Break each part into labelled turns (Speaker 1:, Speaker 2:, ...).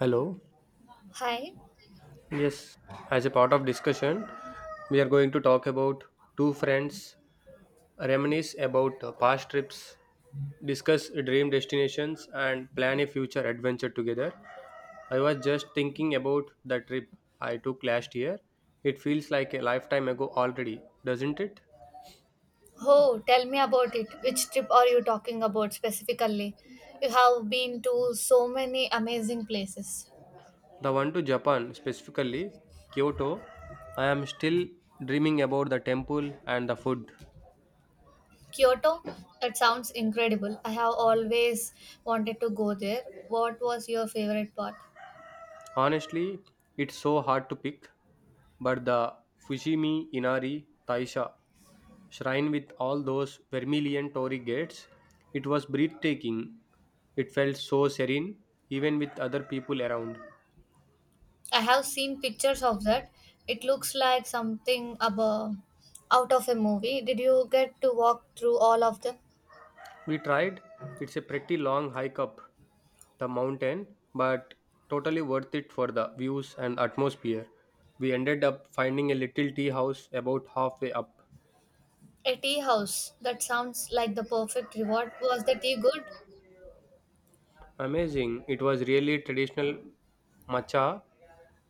Speaker 1: Hello.
Speaker 2: Hi.
Speaker 1: Yes, as a part of discussion, we are going to talk about two friends reminisce about past trips, discuss dream destinations, and plan a future adventure together. I was just thinking about the trip I took last year. It feels like a lifetime ago already, doesn't it?
Speaker 2: Oh, tell me about it. Which trip are you talking about specifically? You have been to so many amazing places.
Speaker 1: The one to Japan, specifically Kyoto. I am still dreaming about the temple and the food.
Speaker 2: Kyoto? That sounds incredible. I have always wanted to go there. What was your favorite part?
Speaker 1: Honestly, it's so hard to pick, but the Fushimi Inari Taisha shrine with all those vermilion torii gates, it was breathtaking. It felt so serene, even with other people around.
Speaker 2: I have seen pictures of that. It looks like something above, out of a movie. Did you get to walk through all of them?
Speaker 1: We tried, it's a pretty long hike up the mountain, but totally worth it for the views and atmosphere. We ended up finding a little tea house about halfway up.
Speaker 2: A tea house. That sounds like the perfect reward. Was the tea good?
Speaker 1: Amazing. It was really traditional matcha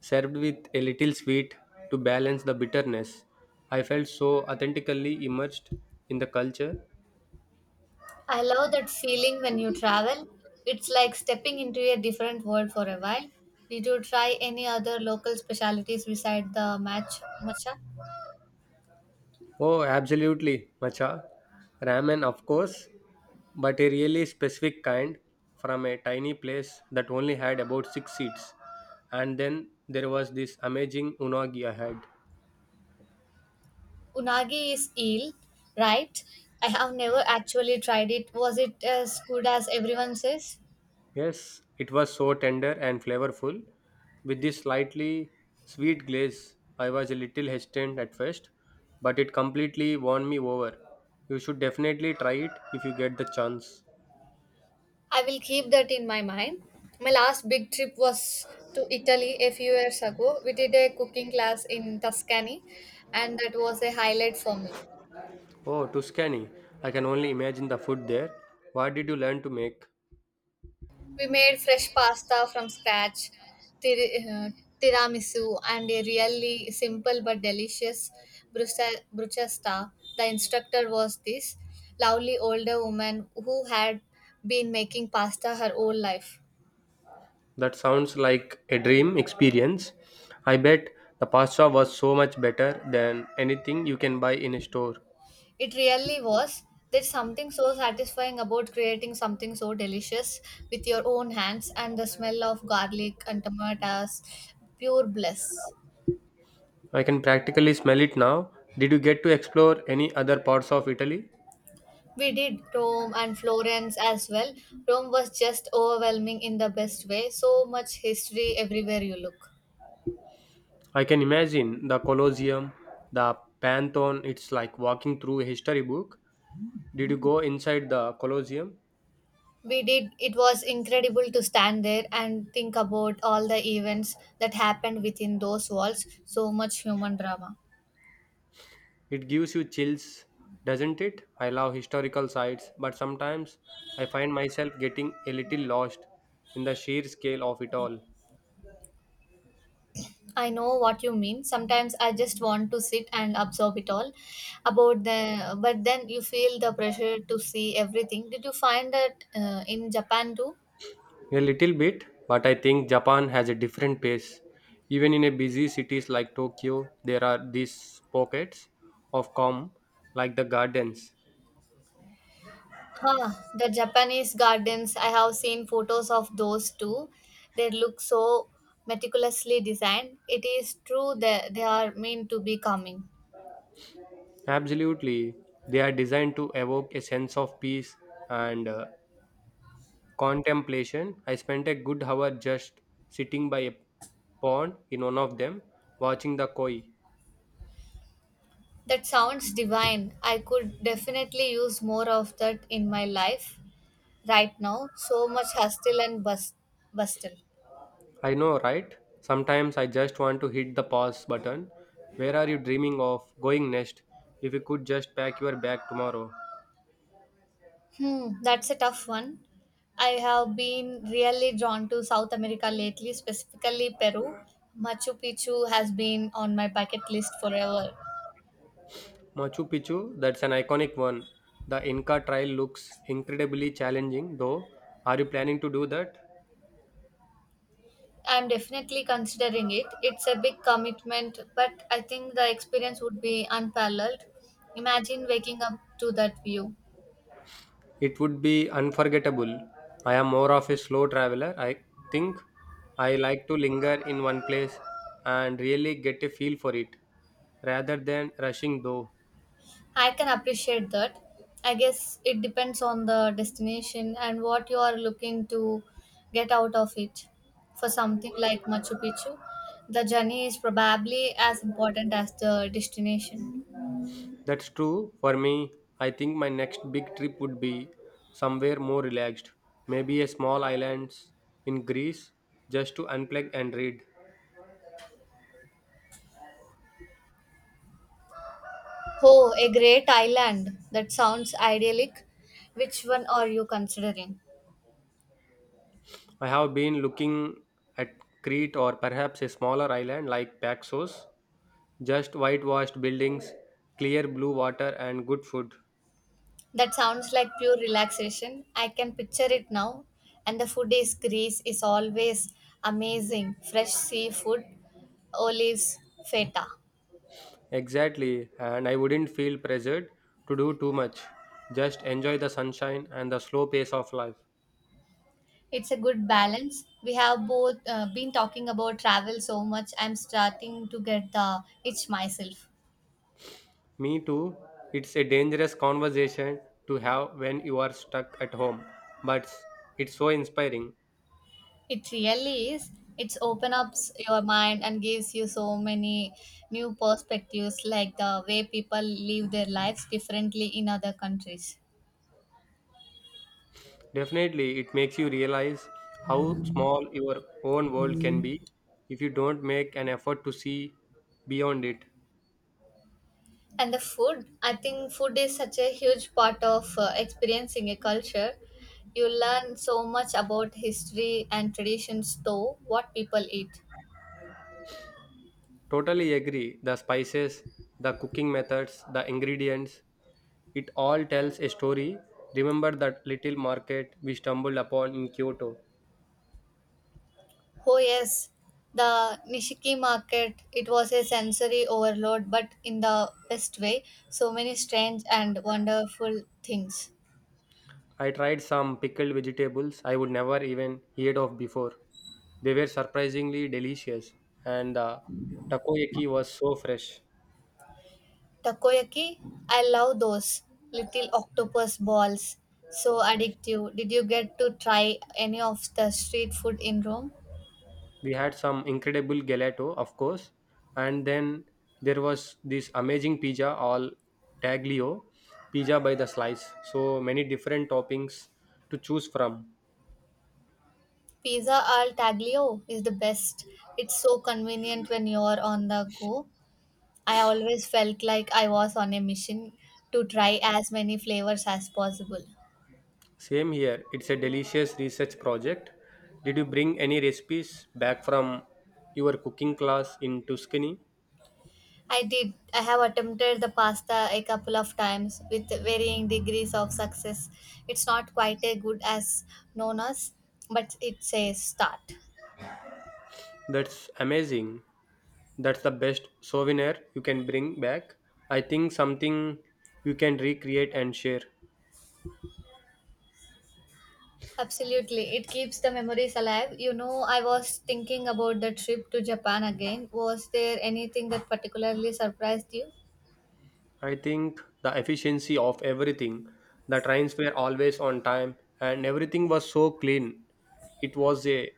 Speaker 1: served with a little sweet to balance the bitterness. I felt so authentically immersed in the culture.
Speaker 2: I love that feeling when you travel. It's like stepping into a different world for a while. Did you try any other local specialties beside the match macha?
Speaker 1: Oh, absolutely, matcha. Ramen, of course, but a really specific kind from a tiny place that only had about six seats. And then there was this amazing unagi I had.
Speaker 2: Unagi is eel, right? I have never actually tried it. Was it as good as everyone says?
Speaker 1: Yes, it was so tender and flavorful. With this slightly sweet glaze, I was a little hesitant at first, but it completely won me over. You should definitely try it if you get the chance.
Speaker 2: I will keep that in my mind. My last big trip was to Italy a few years ago. We did a cooking class in Tuscany, and that was a highlight for me.
Speaker 1: Oh, Tuscany. I can only imagine the food there. What did you learn to make?
Speaker 2: We made fresh pasta from scratch, tir- uh, tiramisu, and a really simple but delicious bruschetta. The instructor was this lovely older woman who had been making pasta her whole life.
Speaker 1: That sounds like a dream experience. I bet the pasta was so much better than anything you can buy in a store.
Speaker 2: It really was. There's something so satisfying about creating something so delicious with your own hands, and the smell of garlic and tomatoes, pure bliss.
Speaker 1: I can practically smell it now. Did you get to explore any other parts of Italy?
Speaker 2: We did Rome and Florence as well. Rome was just overwhelming in the best way. So much history everywhere you look.
Speaker 1: I can imagine the Colosseum, the Pantheon. It's like walking through a history book. Did you go inside the Colosseum?
Speaker 2: We did, it was incredible to stand there and think about all the events that happened within those walls. So much human drama.
Speaker 1: It gives you chills, doesn't it? I love historical sites, but sometimes I find myself getting a little lost in the sheer scale of it all.
Speaker 2: I know what you mean. Sometimes I just want to sit and absorb it all about the, but then you feel the pressure to see everything. Did you find that in Japan too?
Speaker 1: A little bit, but I think Japan has a different pace. Even in a busy cities like Tokyo, there are these pockets of calm, like the gardens.
Speaker 2: Huh, the Japanese gardens, I have seen photos of those too. They look so meticulously designed. It is true that they are meant to be coming.
Speaker 1: Absolutely. They are designed to evoke a sense of peace and contemplation. I spent a good hour just sitting by a pond in one of them, watching the koi.
Speaker 2: That sounds divine. I could definitely use more of that in my life right now. So much bustle.
Speaker 1: I know, right? Sometimes I just want to hit the pause button. Where are you dreaming of going next? If you could just pack your bag tomorrow.
Speaker 2: Hmm, that's a tough one. I have been really drawn to South America lately, specifically Peru. Machu Picchu has been on my bucket list forever.
Speaker 1: Machu Picchu, that's an iconic one. The Inca Trail looks incredibly challenging, though. Are you planning to do that?
Speaker 2: I'm definitely considering it. It's a big commitment, but I think the experience would be unparalleled. Imagine waking up to that view.
Speaker 1: It would be unforgettable. I am more of a slow traveler. I think I like to linger in one place and really get a feel for it rather than rushing though.
Speaker 2: I can appreciate that. I guess it depends on the destination and what you are looking to get out of it. For something like Machu Picchu, the journey is probably as important as the destination.
Speaker 1: That's true for me. I think my next big trip would be somewhere more relaxed, maybe a small island in Greece just to unplug and read.
Speaker 2: Oh, a great island. That sounds idyllic. Which one are you considering?
Speaker 1: I have been looking at Crete or perhaps a smaller island like Paxos. Just whitewashed buildings, clear blue water, and good food.
Speaker 2: That sounds like pure relaxation. I can picture it now. And the food is Greece is always amazing. Fresh seafood, olives, feta.
Speaker 1: Exactly, and I wouldn't feel pressured to do too much. Just enjoy the sunshine and the slow pace of life.
Speaker 2: It's a good balance. We have both been talking about travel so much. I'm starting to get the itch myself.
Speaker 1: Me too, it's a dangerous conversation to have when you are stuck at home, but it's so inspiring.
Speaker 2: It really is. It's your mind and gives you so many new perspectives, like the way people live their lives differently in other countries.
Speaker 1: Definitely, it makes you realize how small your own world can be if you don't make an effort to see beyond it.
Speaker 2: And the food, I think food is such a huge part of experiencing a culture. You learn so much about history and traditions though what people eat.
Speaker 1: Totally agree. The spices, the cooking methods, the ingredients, it all tells a story. Remember that little market we stumbled upon in Kyoto?
Speaker 2: Oh, yes, the Nishiki market, it was a sensory overload but in the best way. So many strange and wonderful things.
Speaker 1: I tried some pickled vegetables I would never even heard of before. They were surprisingly delicious, and the takoyaki was so fresh.
Speaker 2: Takoyaki, I love those little octopus balls, so addictive. Did you get to try any of the street food in Rome?
Speaker 1: We had some incredible gelato, of course, and then there was this amazing pizza all taglio pizza by the slice. So many different toppings to choose from.
Speaker 2: Pizza al taglio is the best. It's so convenient when you're on the go. I always felt like I was on a mission to try as many flavors as possible.
Speaker 1: Same here. It's a delicious research project. Did you bring any recipes back from your cooking class in Tuscany?
Speaker 2: I did. I have attempted the pasta a couple of times with varying degrees of success. It's not quite as good as Nona's, but it's a start.
Speaker 1: That's amazing. That's the best souvenir you can bring back. I think something you can recreate and share.
Speaker 2: Absolutely. It keeps the memories alive. You know, I was thinking about the trip to Japan again. Was there anything that particularly surprised you?
Speaker 1: I think the efficiency of everything. The trains were always on time and everything was so clean. It was a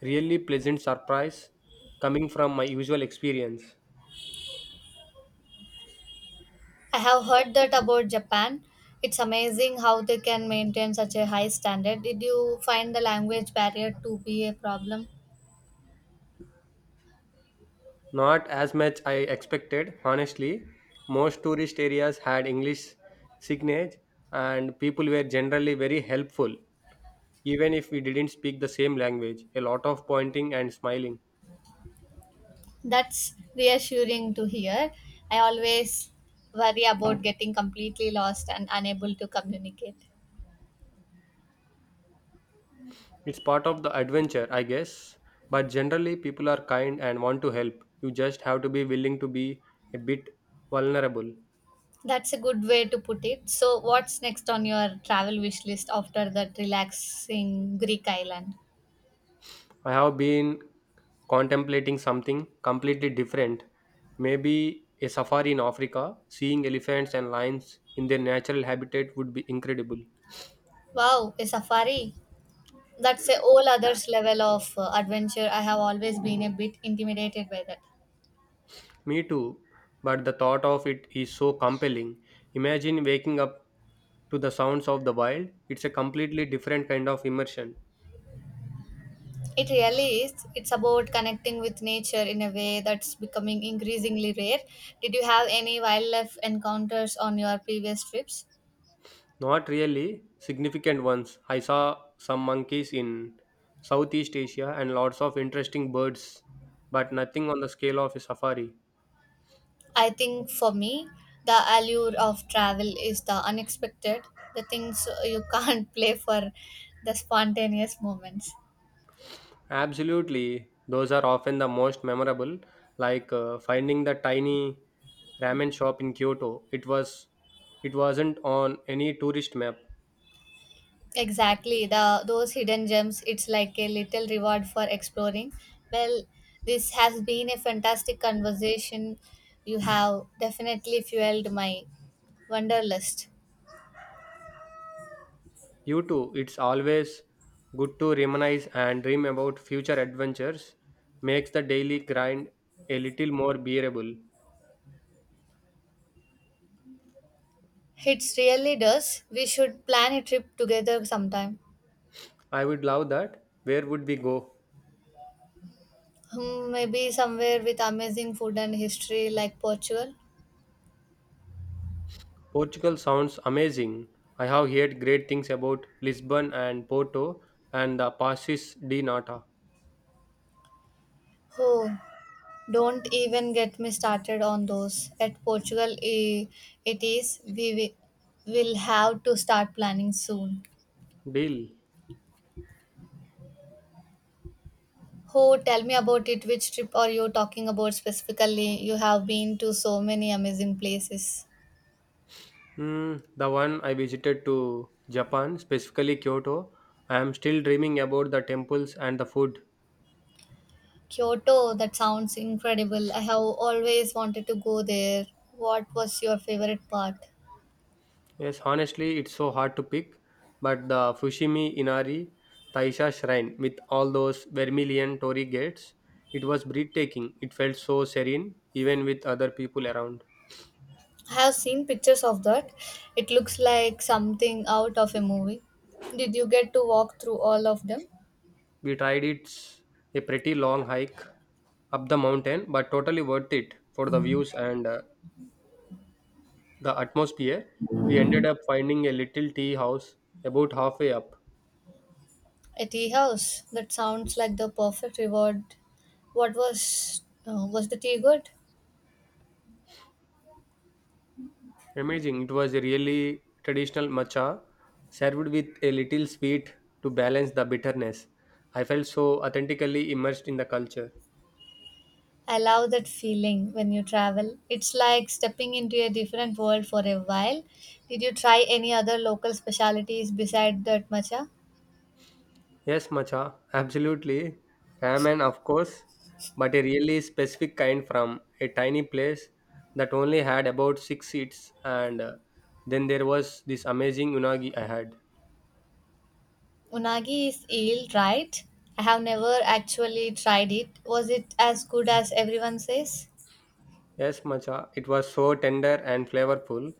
Speaker 1: really pleasant surprise coming from my usual experience.
Speaker 2: I have heard that about Japan. It's amazing how they can maintain such a high standard. Did you find the language barrier to be a problem?
Speaker 1: Not as much I expected, honestly. Most tourist areas had English signage and people were generally very helpful, even if we didn't speak the same language. A lot of pointing and smiling.
Speaker 2: That's reassuring to hear. I always worry about getting completely lost and unable to communicate.
Speaker 1: It's part of the adventure, I guess. But generally, people are kind and want to help. You just have to be willing to be a bit vulnerable.
Speaker 2: That's a good way to put it. So, what's next on your travel wish list after that relaxing Greek island?
Speaker 1: I have been contemplating something completely different. Maybe a safari in Africa, seeing elephants and lions in their natural habitat would be incredible.
Speaker 2: Wow, a safari. That's a whole other level of adventure. I have always been a bit intimidated by that.
Speaker 1: Me too, but the thought of it is so compelling. Imagine waking up to the sounds of the wild, it's a completely different kind of immersion.
Speaker 2: It really is. It's about connecting with nature in a way that's becoming increasingly rare. Did you have any wildlife encounters on your previous trips?
Speaker 1: Not really significant ones. I saw some monkeys in Southeast Asia and lots of interesting birds, but nothing on the scale of a safari.
Speaker 2: I think for me, the allure of travel is the unexpected, the things you can't play for, the spontaneous moments.
Speaker 1: Absolutely, those are often the most memorable, like finding the tiny ramen shop in Kyoto. It wasn't on any tourist map.
Speaker 2: Exactly, the those hidden gems. It's like a little reward for exploring. Well, this has been a fantastic conversation. You have definitely fueled my wanderlust.
Speaker 1: You too, it's always good to reminisce and dream about future adventures. Makes the daily grind a little more bearable.
Speaker 2: It really does. We should plan a trip together sometime.
Speaker 1: I would love that. Where would we go?
Speaker 2: Hmm, maybe somewhere with amazing food and history like Portugal.
Speaker 1: Portugal sounds amazing. I have heard great things about Lisbon and Porto and the Passes de Nata.
Speaker 2: Oh, don't even get me started on those. At Portugal, eh, it is. Will have to start planning soon.
Speaker 1: Deal.
Speaker 2: Oh, tell me about it. Which trip are you talking about specifically? You have been to so many amazing places.
Speaker 1: Hmm, the one I visited to Japan, specifically Kyoto. I am still dreaming about the temples and the food.
Speaker 2: Kyoto, that sounds incredible. I have always wanted to go there. What was your favorite part?
Speaker 1: Yes, honestly, it's so hard to pick, but the Fushimi Inari Taisha shrine with all those vermilion torii gates, it was breathtaking. It felt so serene, even with other people around.
Speaker 2: I have seen pictures of that. It looks like something out of a movie. Did you get to walk through all of them?
Speaker 1: We tried, it's a pretty long hike up the mountain, but totally worth it for the views and the atmosphere. We ended up finding a little tea house about halfway up.
Speaker 2: A tea house. That sounds like the perfect reward. What was the tea good?
Speaker 1: Amazing! It was a really traditional matcha served with a little sweet to balance the bitterness. I felt so authentically immersed in the culture.
Speaker 2: I love that feeling when you travel. It's like stepping into a different world for a while. Did you try any other local specialities beside that matcha?
Speaker 1: Yes, Macha, absolutely. Ramen, of course, but a really specific kind from a tiny place that only had about six seats, and then there was this amazing unagi I had.
Speaker 2: Unagi is eel, right? I have never actually tried it. Was it as good as everyone says?
Speaker 1: Yes, Macha, it was so tender and flavorful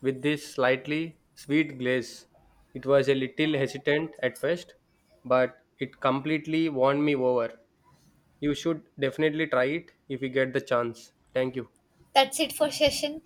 Speaker 1: with this slightly sweet glaze. It was a little hesitant at first, but it completely won me over. You should definitely try it if you get the chance. Thank you.
Speaker 2: That's it for session.